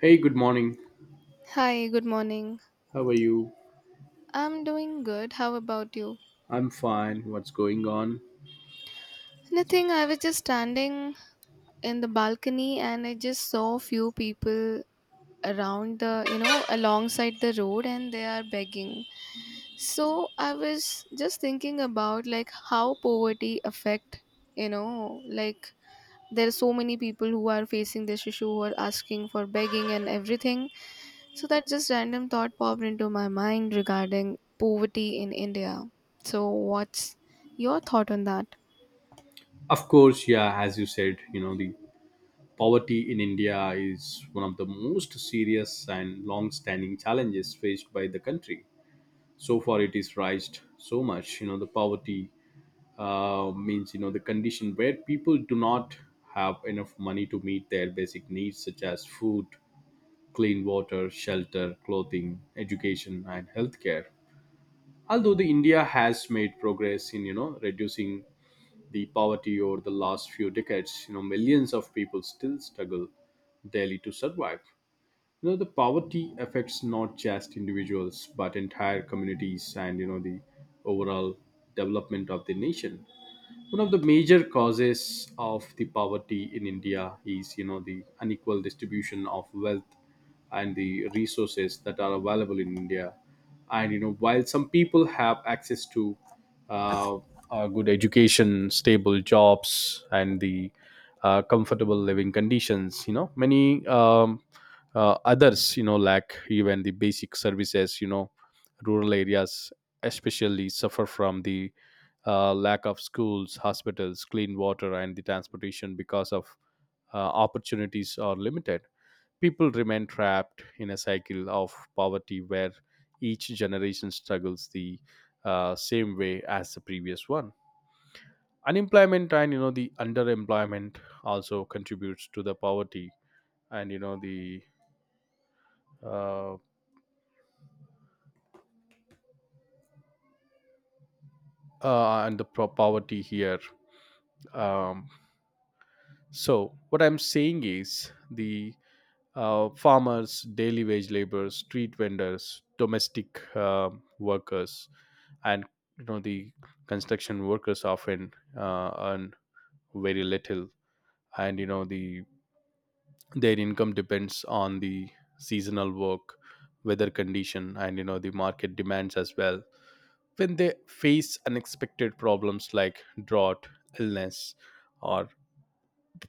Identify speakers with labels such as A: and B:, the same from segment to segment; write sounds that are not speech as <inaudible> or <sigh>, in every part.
A: Hey, good morning.
B: Hi, good morning.
A: How are you?
B: I'm doing good. How about you?
A: I'm fine. What's going on?
B: Nothing. I was just standing in the balcony and I just saw few people around the alongside the road and they are begging. So I was just thinking about like how poverty affect, you know, like there are so many people who are facing this issue who are asking for begging and everything. So that just random thought popped into my mind regarding poverty in India. So what's your thought on that?
A: Of course, yeah, as you said, the poverty in India is one of the most serious and long standing challenges faced by the country. So far, it is raised so much. You know, the poverty means, you know, the condition where people do not have enough money to meet their basic needs, such as food, clean water, shelter, clothing, education, and healthcare, although the india has made progress in, you know, reducing the poverty over the last few decades. You know, millions of people still struggle daily to survive. You know, the poverty affects not just individuals but entire communities and, you know, the overall development of the nation. One of the major causes of the poverty in india is, you know, the unequal distribution of wealth and the resources that are available in india. And you know, while some people have access to uh, a good education, stable jobs, and the comfortable living conditions, you know, many others, you know, lack even the basic services. You know, rural areas especially suffer from the lack of schools, hospitals, clean water, and the transportation because of opportunities are limited. People remain trapped in a cycle of poverty where each generation struggles the same way as the previous one. Unemployment and, you know, the underemployment also contributes to the poverty and, you know the uh, and the pro- poverty here. Um, so what I'm saying is the farmers, daily wage laborers, street vendors, domestic workers, and, you know, the construction workers often earn very little, and, you know, the their income depends on the seasonal work, weather condition, and, you know, the market demands as well. When they face unexpected problems like drought, illness, or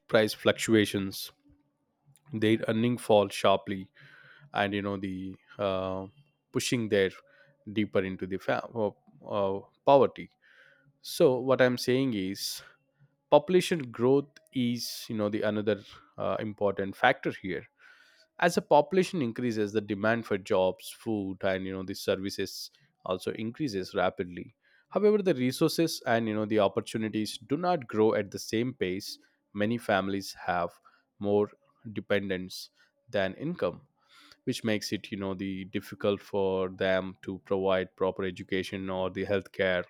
A: price fluctuations, their earning fall sharply and, you know the pushing their deeper into the uh, poverty. So what I'm saying is population growth is, you know, the another important factor here. As the population increases, the demand for jobs, food, and, you know, the services also increases rapidly. However, the resources and, you know, the opportunities do not grow at the same pace. Many families have more dependence than income, which makes it, you know, the difficult for them to provide proper education or the healthcare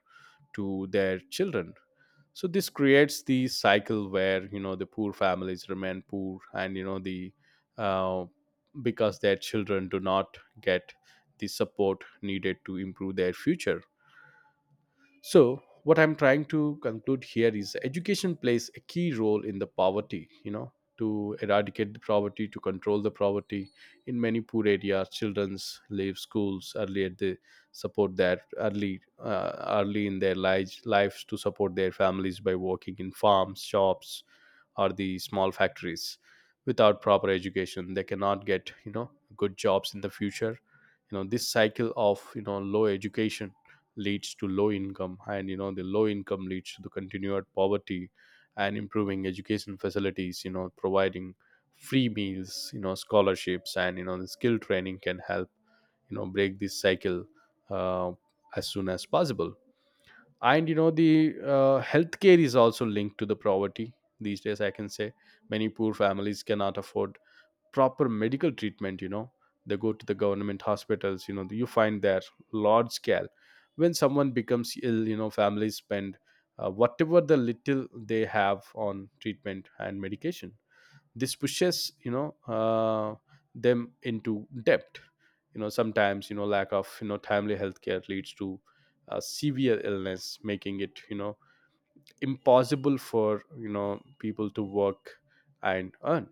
A: to their children. So this creates the cycle where, you know, the poor families remain poor and, you know the uh, because their children do not get the support needed to improve their future. So what I'm trying to conclude here is education plays a key role in the poverty, you know, to eradicate the poverty, to control the poverty. In many poor areas, children's leave schools early at the support their early in their lives lives to support their families by working in farms, shops, or the small factories. Without proper education, they cannot get, you know, good jobs in the future. You know, this cycle of, you know, low education leads to low income and, you know, the low income leads to the continued poverty. And improving education facilities, you know, providing free meals, you know, scholarships, and, you know, the skill training can help, you know, break this cycle uh, as soon as possible. And, you know the healthcare is also linked to the poverty these days, I can say. Many poor families cannot afford proper medical treatment. You know, they go to the government hospitals, you know, you find there large scale. When someone becomes ill, you know, families spend whatever the little they have on treatment and medication. This pushes, them into debt. You know, sometimes, you know, lack of, you know, timely healthcare leads to severe illness, making it, you know, impossible for, you know, people to work and earn.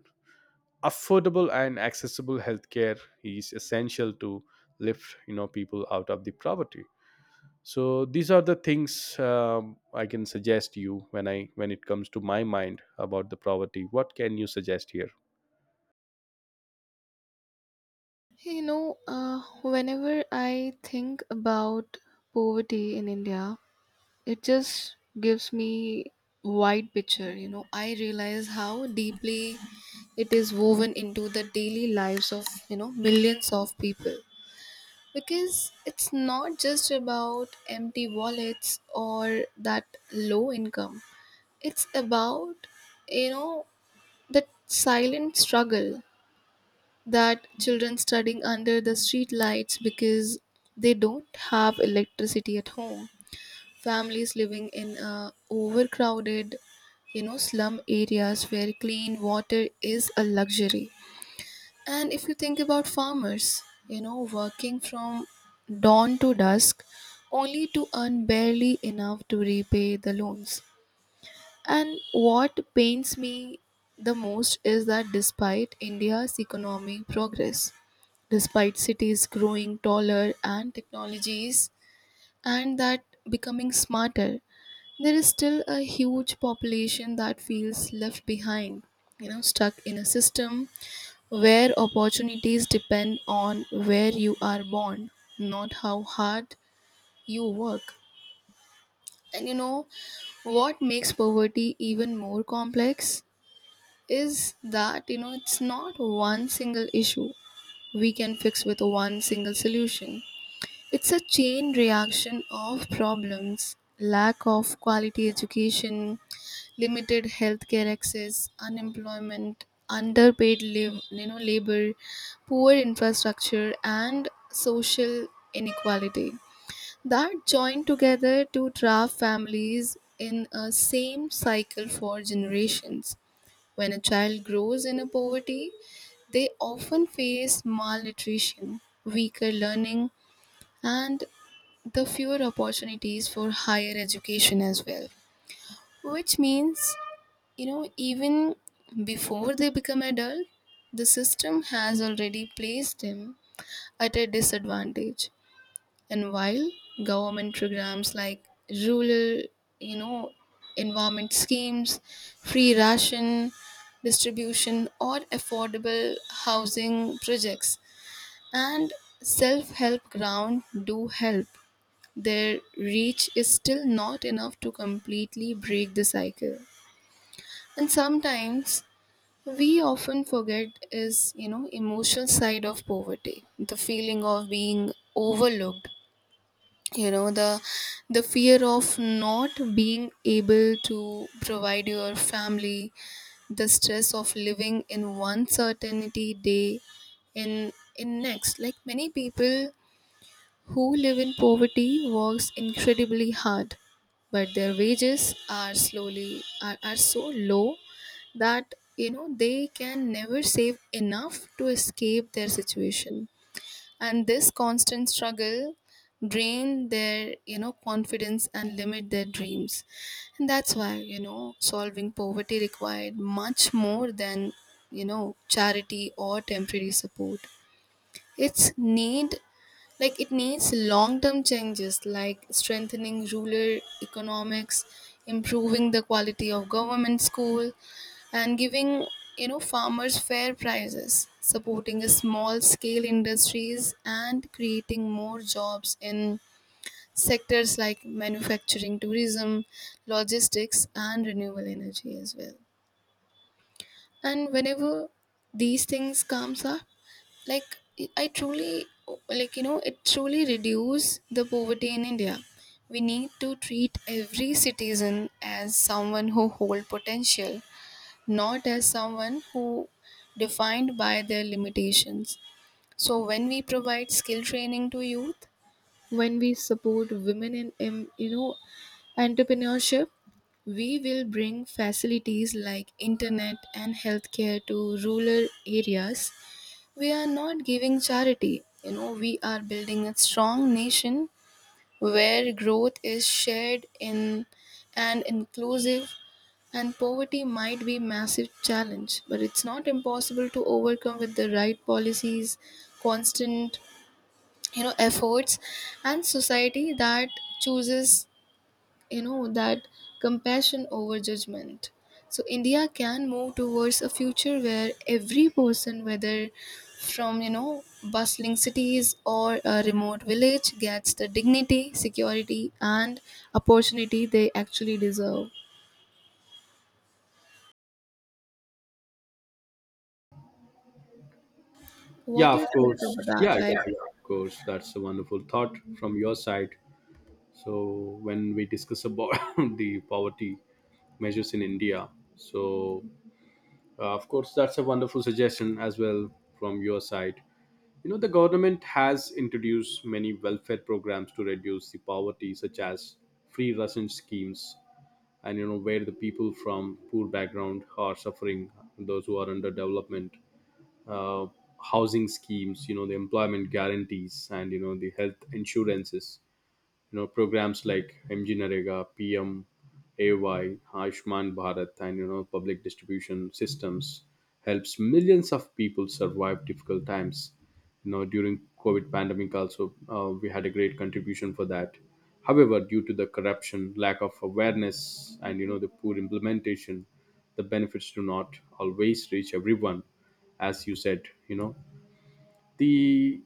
A: Affordable and accessible healthcare is essential to lift, you know, people out of the poverty. So these are the things, I can suggest you when I when it comes to my mind about the poverty. What can you suggest here?
B: Whenever I think about poverty in India, it just gives me wide picture. You know, I realize how deeply it is woven into the daily lives of millions of people, because it's not just about empty wallets or that low income. It's about, you know, that silent struggle, that children studying under the street lights because they don't have electricity at home. Families living in overcrowded, slum areas where clean water is a luxury. And if you think about farmers, you know, working from dawn to dusk only to earn barely enough to repay the loans. And what pains me the most is that despite India's economic progress, despite cities growing taller and technologies and that becoming smarter, there is still a huge population that feels left behind, you know, stuck in a system where opportunities depend on where you are born, not how hard you work. And you know what makes poverty even more complex? Is that it's not one single issue we can fix with one single solution. It's a chain reaction of problems: lack of quality education, limited healthcare access, unemployment, underpaid labor, poor infrastructure and social inequality that join together to trap families in a same cycle for generations. When a child grows in a poverty, they often face malnutrition, weaker learning, and the fewer opportunities for higher education as well. Which means, you know, even before they become adult, the system has already placed them at a disadvantage. And while government programs like rural, you know, environment schemes, free ration distribution, or affordable housing projects and self help ground do help, their reach is still not enough to completely break the cycle. And sometimes we often forget is emotional side of poverty, the feeling of being overlooked, you know the the fear of not being able to provide your family, the stress of living in one certainty day in in next. Like many people who live in poverty works incredibly hard, but their wages are so low that they can never save enough to escape their situation. And this constant struggle drain their confidence and limit their dreams. And that's why solving poverty required much more than charity or temporary support. Its need, like it needs long-term changes like strengthening rural economics, improving the quality of government school and giving farmers fair prices, supporting small scale industries and creating more jobs in sectors like manufacturing, tourism, logistics and renewable energy as well. And whenever these things comes up, like, I truly, like it truly reduce the poverty in India, we need to treat every citizen as someone who hold potential, not as someone who defined by their limitations. So when we provide skill training to youth, when we support women in entrepreneurship, we will bring facilities like internet and healthcare to rural areas, we are not giving charity, you know, we are building a strong nation where growth is shared in and inclusive. And poverty might be massive challenge, but it's not impossible to overcome with the right policies, constant efforts, and society that chooses you know that compassion over judgment. So India can move towards a future where every person, whether from bustling cities or a remote village, gets the dignity, security and opportunity they actually deserve. What
A: Yeah,
B: do
A: of
B: you think
A: course.
B: about that,
A: Yeah,
B: like?
A: yeah, yeah, of course. That's a wonderful thought from your side. So, when we discuss about <laughs> the poverty measures in India, so of course, that's a wonderful suggestion as well from your side. You know, the government has introduced many welfare programs to reduce the poverty, such as free ration schemes, and, you know, where the people from poor background are suffering, those who are under development, uh, housing schemes, you know, the employment guarantees, and, you know, the health insurances. You know, programs like mg narega, PMAY, ay Ayushman bharat, and, you know, public distribution systems helps millions of people survive difficult times. You know, during covid pandemic also, we had a great contribution for that. However, due to the corruption, lack of awareness, and, you know, the poor implementation, the benefits do not always reach everyone. As you said, you know the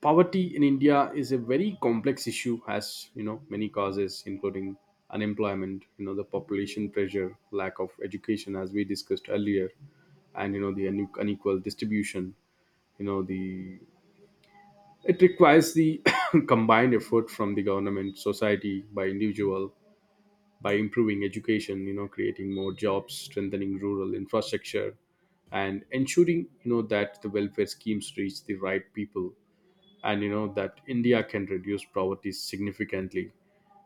A: poverty in india is a very complex issue, has, you know, many causes including unemployment, you know, the population pressure, lack of education, as we discussed earlier, and, you know, the unequal distribution. You know the It requires the <coughs> combined effort from the government, society, by individual, by improving education, you know, creating more jobs, strengthening rural infrastructure, and ensuring, you know, that the welfare schemes reach the right people. And, you know, that india can reduce poverty significantly.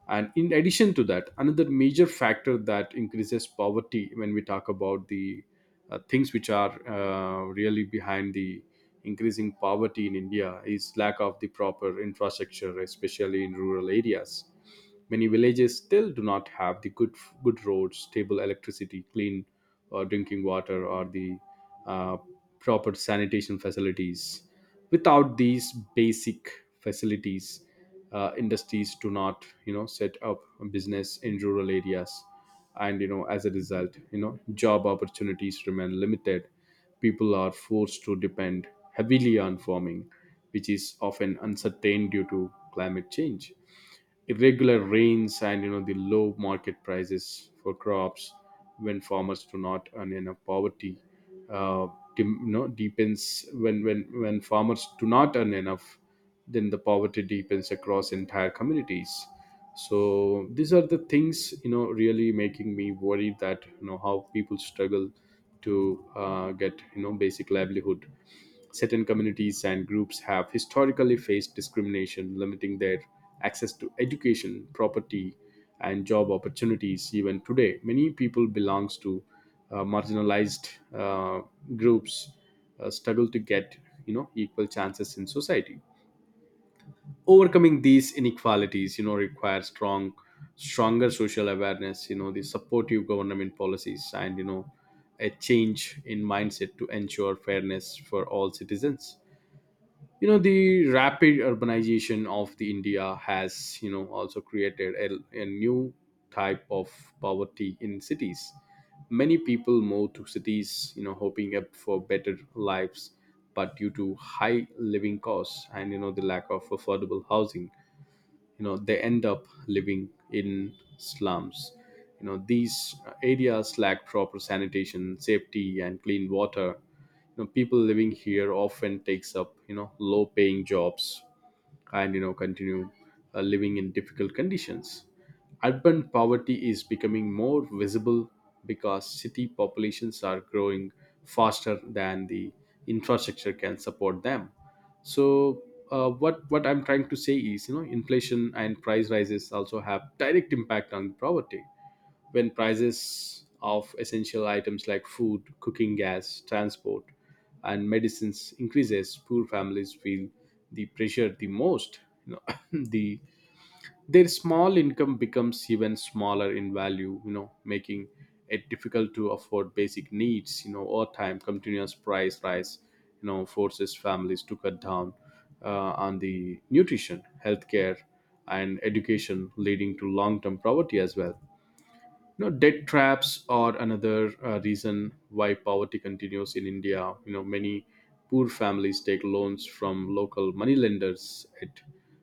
A: And in addition to that, another major factor that increases poverty when we talk about the things which are really behind the increasing poverty in india is lack of the proper infrastructure, especially in rural areas. Many villages still do not have the good roads, stable electricity, clean drinking water, or the uh, proper sanitation facilities. Without these basic facilities, industries do not, you know, set up a business in rural areas. And, you know, as a result, you know, job opportunities remain limited. People are forced to depend heavily on farming, which is often uncertain due to climate change, irregular rains, and, you know, the low market prices for crops. When farmers do not earn enough, poverty uh, you know, deepens. When farmers do not earn enough, then the poverty deepens across entire communities. So these are the things, you know, really making me worried that, you know, how people struggle to get, you know, basic livelihood. Certain communities and groups have historically faced discrimination, limiting their access to education, property, and job opportunities. Even today, many people belongs to marginalized uh, groups struggle to get, you know, equal chances in society. Overcoming these inequalities, you know, requires stronger social awareness, you know, the supportive government policies, and, you know, a change in mindset to ensure fairness for all citizens. You know, the rapid urbanization of the india has, you know, also created a new type of poverty in cities. Many people move to cities, you know, hoping up for better lives, but due to high living costs and, you know, the lack of affordable housing, you know, they end up living in slums. You know, these areas lack proper sanitation, safety, and clean water. You know, people living here often takes up, you know, low paying jobs and, you know, continue living in difficult conditions. Urban poverty is becoming more visible because city populations are growing faster than the infrastructure can support them. So what I'm trying to say is, you know, inflation and price rises also have direct impact on poverty. When prices of essential items like food, cooking gas, transport, and medicines increases, poor families feel the pressure the most. You know, <laughs> <clears throat> the their small income becomes even smaller in value. You know, making it difficult to afford basic needs. You know, over time, continuous price rise, forces families to cut down on the nutrition, healthcare, and education, leading to long-term poverty as well. You know, debt traps are another reason why poverty continues in India. You know, many poor families take loans from local moneylenders at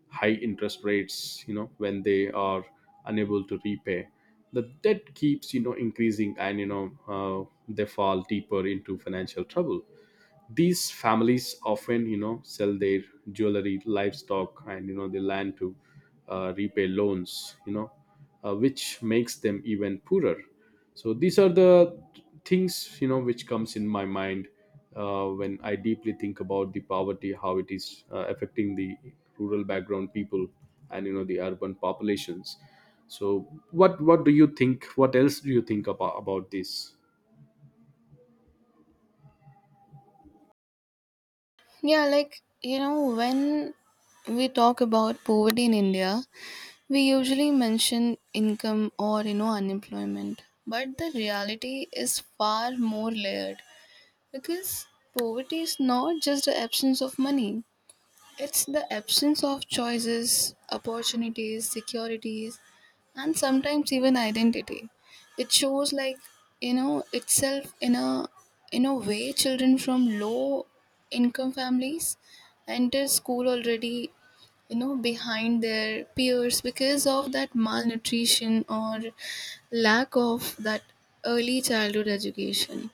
A: high interest rates. You know, when they are unable to repay, the debt keeps increasing, and uh, they fall deeper into financial trouble. These families often, you know, sell their jewelry, livestock, and, you know, the land to repay loans, which makes them even poorer. So these are the things, you know, which comes in my mind when I deeply think about the poverty, how it is affecting the rural background people and, you know, the urban populations. So what do you think? What else do you think about this?
B: Yeah, like, you know, when we talk about poverty in India, we usually mention income or unemployment, but the reality is far more layered because poverty is not just the absence of money. It's the absence of choices, opportunities, securities, and sometimes even identity. It shows like itself in a way children from low income families enter school already, behind their peers, because of that malnutrition or lack of that early childhood education.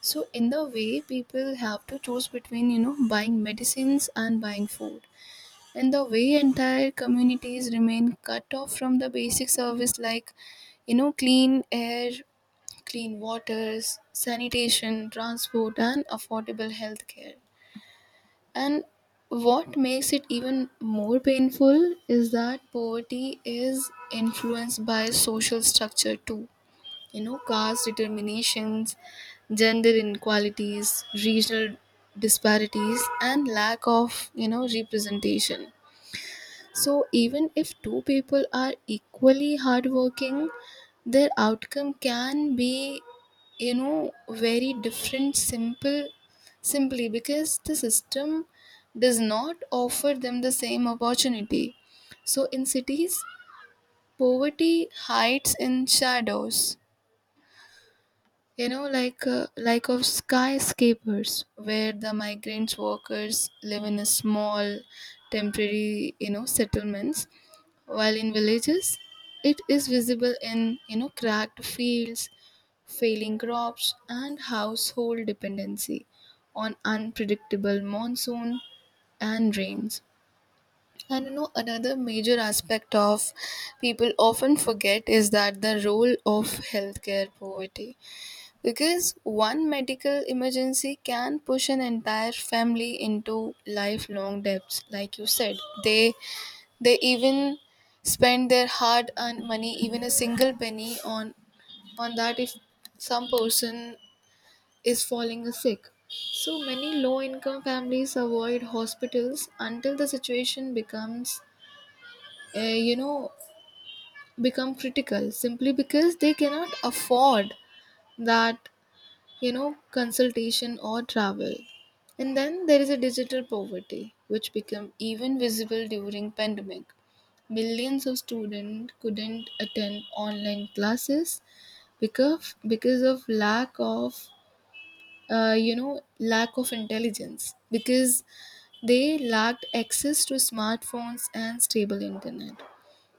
B: So in the way people have to choose between, buying medicines and buying food. And the way entire communities remain cut off from the basic service like, clean air, clean waters, sanitation, transport and affordable healthcare. And what makes it even more painful is that poverty is influenced by social structure too, caste determinations, gender inequalities, regional disparities and lack of representation. So even if two people are equally hardworking, their outcome can be, very different, simple simply because the system does not offer them the same opportunity. So in cities, poverty hides in shadows, you know, like of skyscrapers, where the migrant workers live in a small, temporary, you know, settlements, while in villages, it is visible in, cracked fields, failing crops, and household dependency on unpredictable monsoon and rains. And you know, another major aspect of people often forget is that the role of healthcare poverty, because one medical emergency can push an entire family into lifelong debts, like you said. They they even spend their hard earned money, even a single penny on that if some person is falling a sick. So many low income families avoid hospitals until the situation becomes uh, you know become critical, simply because they cannot afford that, you know, consultation or travel. And then there is a digital poverty, which became even visible during pandemic. Millions of students couldn't attend online classes because of lack of lack of intelligence because they lacked access to smartphones and stable internet.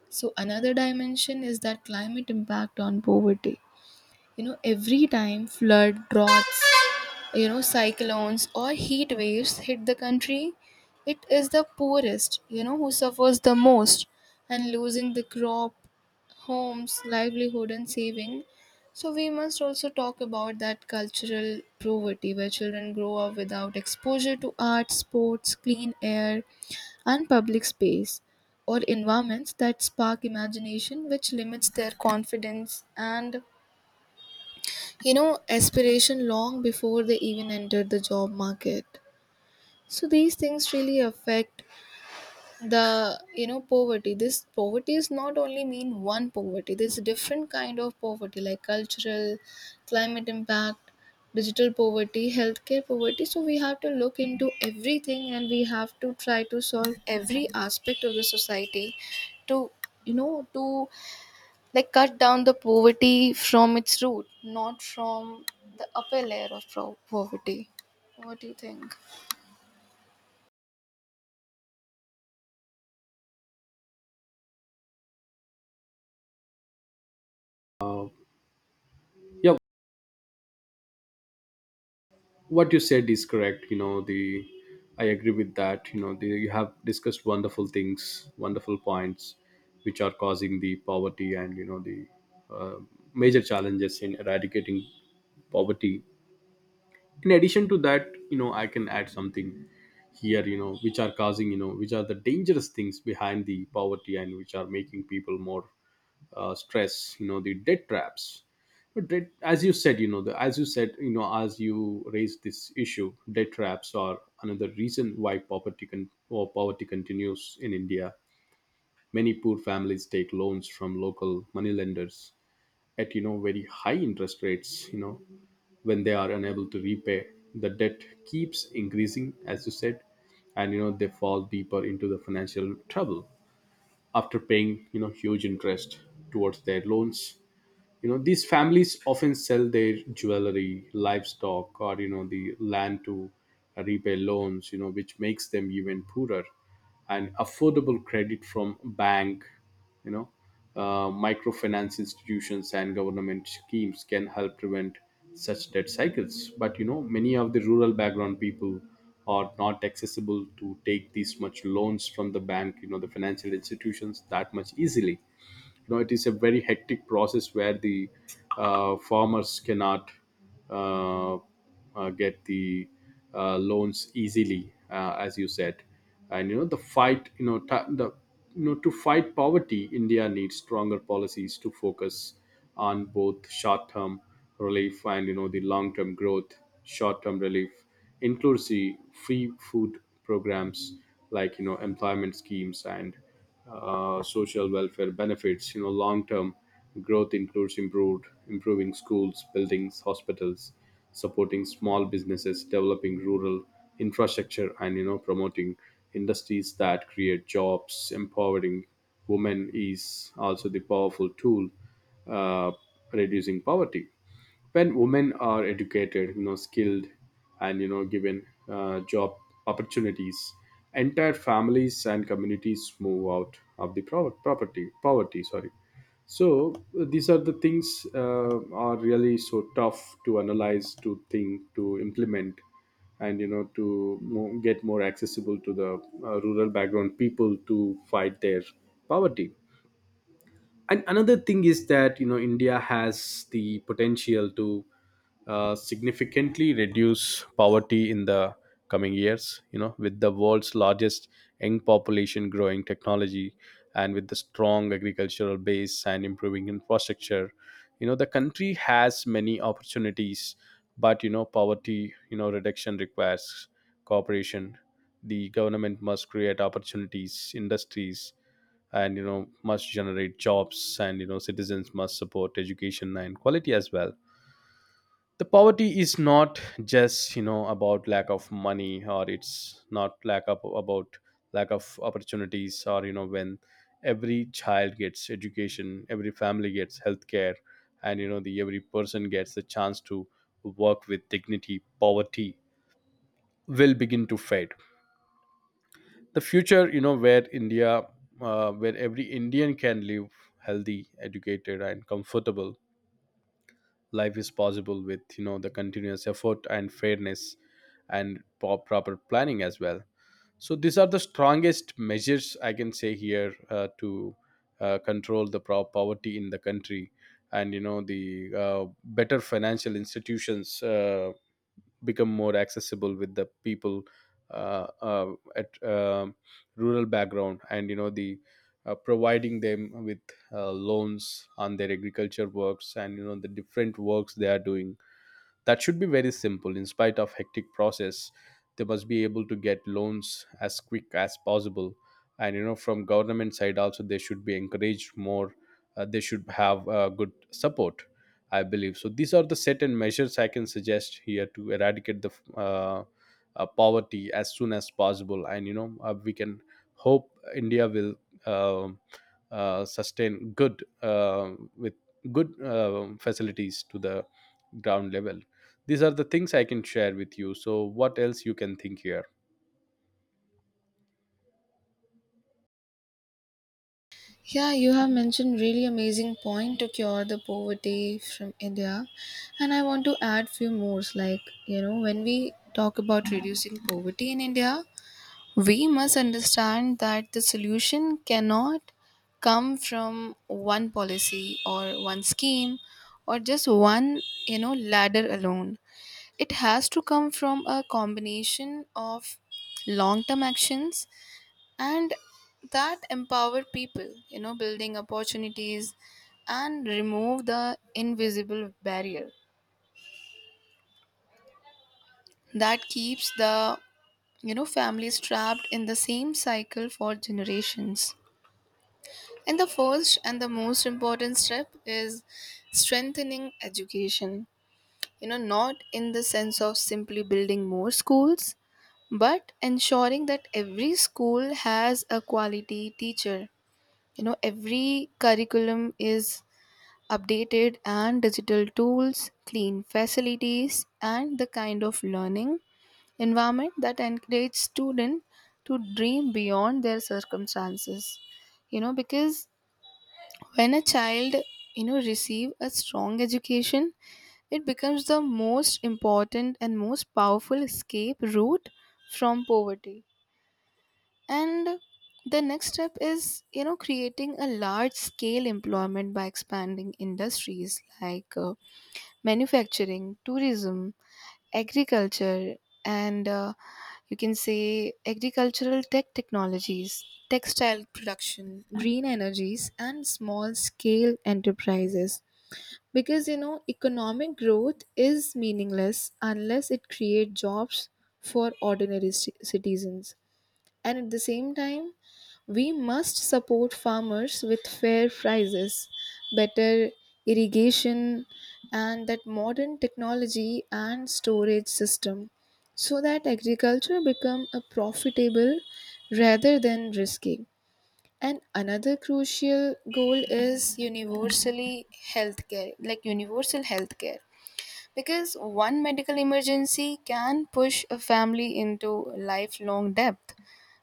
B: So another dimension is that climate impact on poverty. You know, every time flood, droughts, cyclones or heat waves hit the country, it is the poorest, who suffers the most, and losing the crop, homes, livelihood and saving. So we must also talk about that cultural poverty where children grow up without exposure to art, sports, clean air and public space, or environments that spark imagination, which limits their confidence and, you know, aspiration long before they even entered the job market. So these things really affect the, poverty. This poverty is not only mean one poverty. There's a different kind of poverty like cultural, climate impact, digital poverty, healthcare poverty. So we have to look into everything and we have to try to solve every aspect of the society to, you know to like cut down the poverty from its root, not from the upper layer of poverty. What do you think?
A: uh, yeah, what you said is correct. You know the I agree with that. You have discussed wonderful things, wonderful points which are causing the poverty, and, you know, the uh, major challenges in eradicating poverty. In addition to that, you know, I can add something here, you know, which are causing you know which are the dangerous things behind the poverty and which are making people more stress. You know, the debt traps, but debt, as you said, you know the as you said you know as you raised this issue, debt traps are another reason why poverty continues in India. Many poor families take loans from local moneylenders at, you know, very high interest rates. You know, when they are unable to repay, the debt keeps increasing, as you said, and, you know, they fall deeper into the financial trouble after paying, you know, huge interest towards their loans. You know, these families often sell their jewelry, livestock, or, you know, the land to repay loans, you know, which makes them even poorer. And affordable credit from bank, you know microfinance institutions, and government schemes can help prevent such debt cycles. But, you know, many of the rural background people are not accessible to take these much loans from the bank, you know, the financial institutions, that much easily. You know, it is a very hectic process where the farmers cannot uh, get the loans easily, as you said. And, you know, the fight you know ta the you know to fight poverty, India needs stronger policies to focus on both short term relief and, you know, the long term growth. Short term relief includes the free food programs, like, you know, employment schemes and social welfare benefits. You know, long term growth includes improved improving schools, buildings, hospitals, supporting small businesses, developing rural infrastructure, and, you know, promoting industries that create jobs. Empowering women is also the powerful tool, uh, reducing poverty. When women are educated, you know, skilled, and, you know, given job opportunities, entire families and communities move out of the pro- property poverty, sorry. So these are the things, are really so tough to analyze, to think, to implement, and, you know, to get more accessible to the rural background people to fight their poverty. And another thing is that, you know, India has the potential to significantly reduce poverty in the coming years. You know, with the world's largest young population, growing technology, and with the strong agricultural base and improving infrastructure, you know, the country has many opportunities. But, you know, poverty, you know, reduction requires cooperation. The government must create opportunities, industries, and, you know, must generate jobs, and, you know, citizens must support education and quality as well. The poverty is not just, you know, about lack of money, or it's not lack of about lack of opportunities. Or, you know, when every child gets education, every family gets healthcare, and, you know, the every person gets the chance to work with dignity, poverty will begin to fade. The future, you know, where India, where every Indian can live healthy, educated, and comfortable life is possible with, you know, the continuous effort and fairness and proper planning as well. So these are the strongest measures I can say here, to control the poverty in the country. And, you know, the uh, better financial institutions become more accessible with the people uh, uh, at rural background, and, you know, the providing them with loans on their agriculture works, and, you know, the different works they are doing, that should be very simple in spite of hectic process. They must be able to get loans as quick as possible. And, you know, from government side also, they should be encouraged more. They should have good support, I believe. So these are the certain measures I can suggest here to eradicate the uh, poverty as soon as possible. And, you know, we can hope India will uh, sustain good, with good facilities to the ground level. These are the things I can share with you. So what else you can think here?
B: Yeah, you have mentioned really amazing point to cure the poverty from India, and I want to add few more. Like, you know, when we talk about reducing poverty in India, we must understand that the solution cannot come from one policy or one scheme or just one, ladder alone. It has to come from a combination of long term actions and that empower people, you know, building opportunities and remove the invisible barrier that keeps the, families trapped in the same cycle for generations. And the first and the most important step is strengthening education, you know, not in the sense of simply building more schools, but ensuring that every school has a quality teacher, every curriculum is updated, and digital tools, clean facilities and the kind of learning environment that encourages students to dream beyond their circumstances, you know, because when a child, receive a strong education, it becomes the most important and most powerful escape route from poverty. And the next step is, you know, creating a large scale employment by expanding industries like manufacturing, tourism, agriculture, and you can say agricultural tech technologies, textile production, green energies, and small scale enterprises, because, you know, economic growth is meaningless unless it creates jobs for ordinary citizens. And at the same time, we must support farmers with fair prices, better irrigation, and that modern technology and storage system so that agriculture become a profitable rather than risky. And another crucial goal is universally healthcare, like universal healthcare, because one medical emergency can push a family into lifelong debt.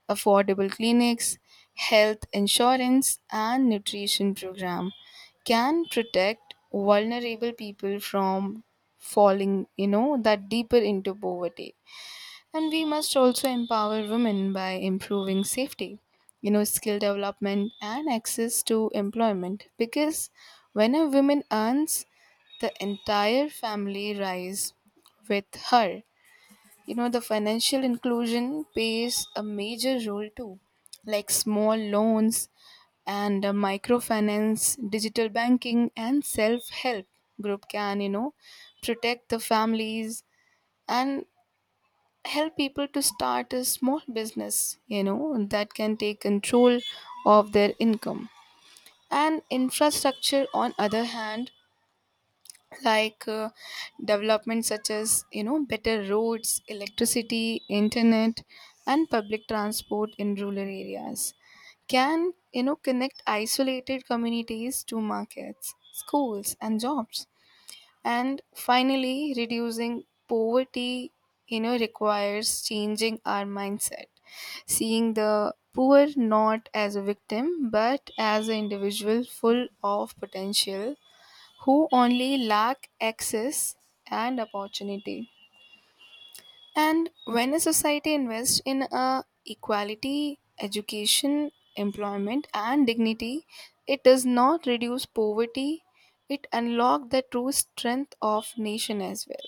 B: Affordable clinics, health insurance, and nutrition program can protect vulnerable people from falling, you know, that deeper into poverty. And we must also empower women by improving safety, you know, skill development and access to employment. Because when a woman earns, the entire family rise with her. You know, the financial inclusion plays a major role too, like small loans and microfinance, digital banking, and self help group can, you know, protect the families and help people to start a small business, you know, that can take control of their income. And infrastructure, on other hand, like development such as, better roads, electricity, internet, and public transport in rural areas can, connect isolated communities to markets, schools, and jobs. And finally, reducing poverty, you know, requires changing our mindset, seeing the poor not as a victim but as an individual full of potential who only lack access and opportunity. And when a society invests in equality, education, employment, and dignity, it does not reduce poverty, it unlocks the true strength of nation as well.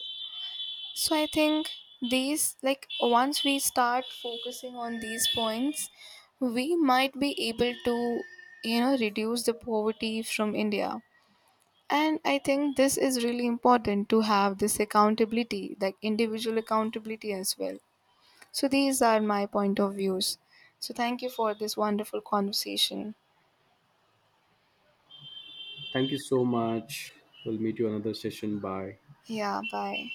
B: So I think these, like, once we start focusing on these points, we might be able to, you know, reduce the poverty from India. And I think this is really important to have this accountability, like individual accountability as well. So these are my point of views. So thank you for this wonderful conversation.
A: Thank you so much. We'll meet you another session. Bye.
B: Yeah, bye.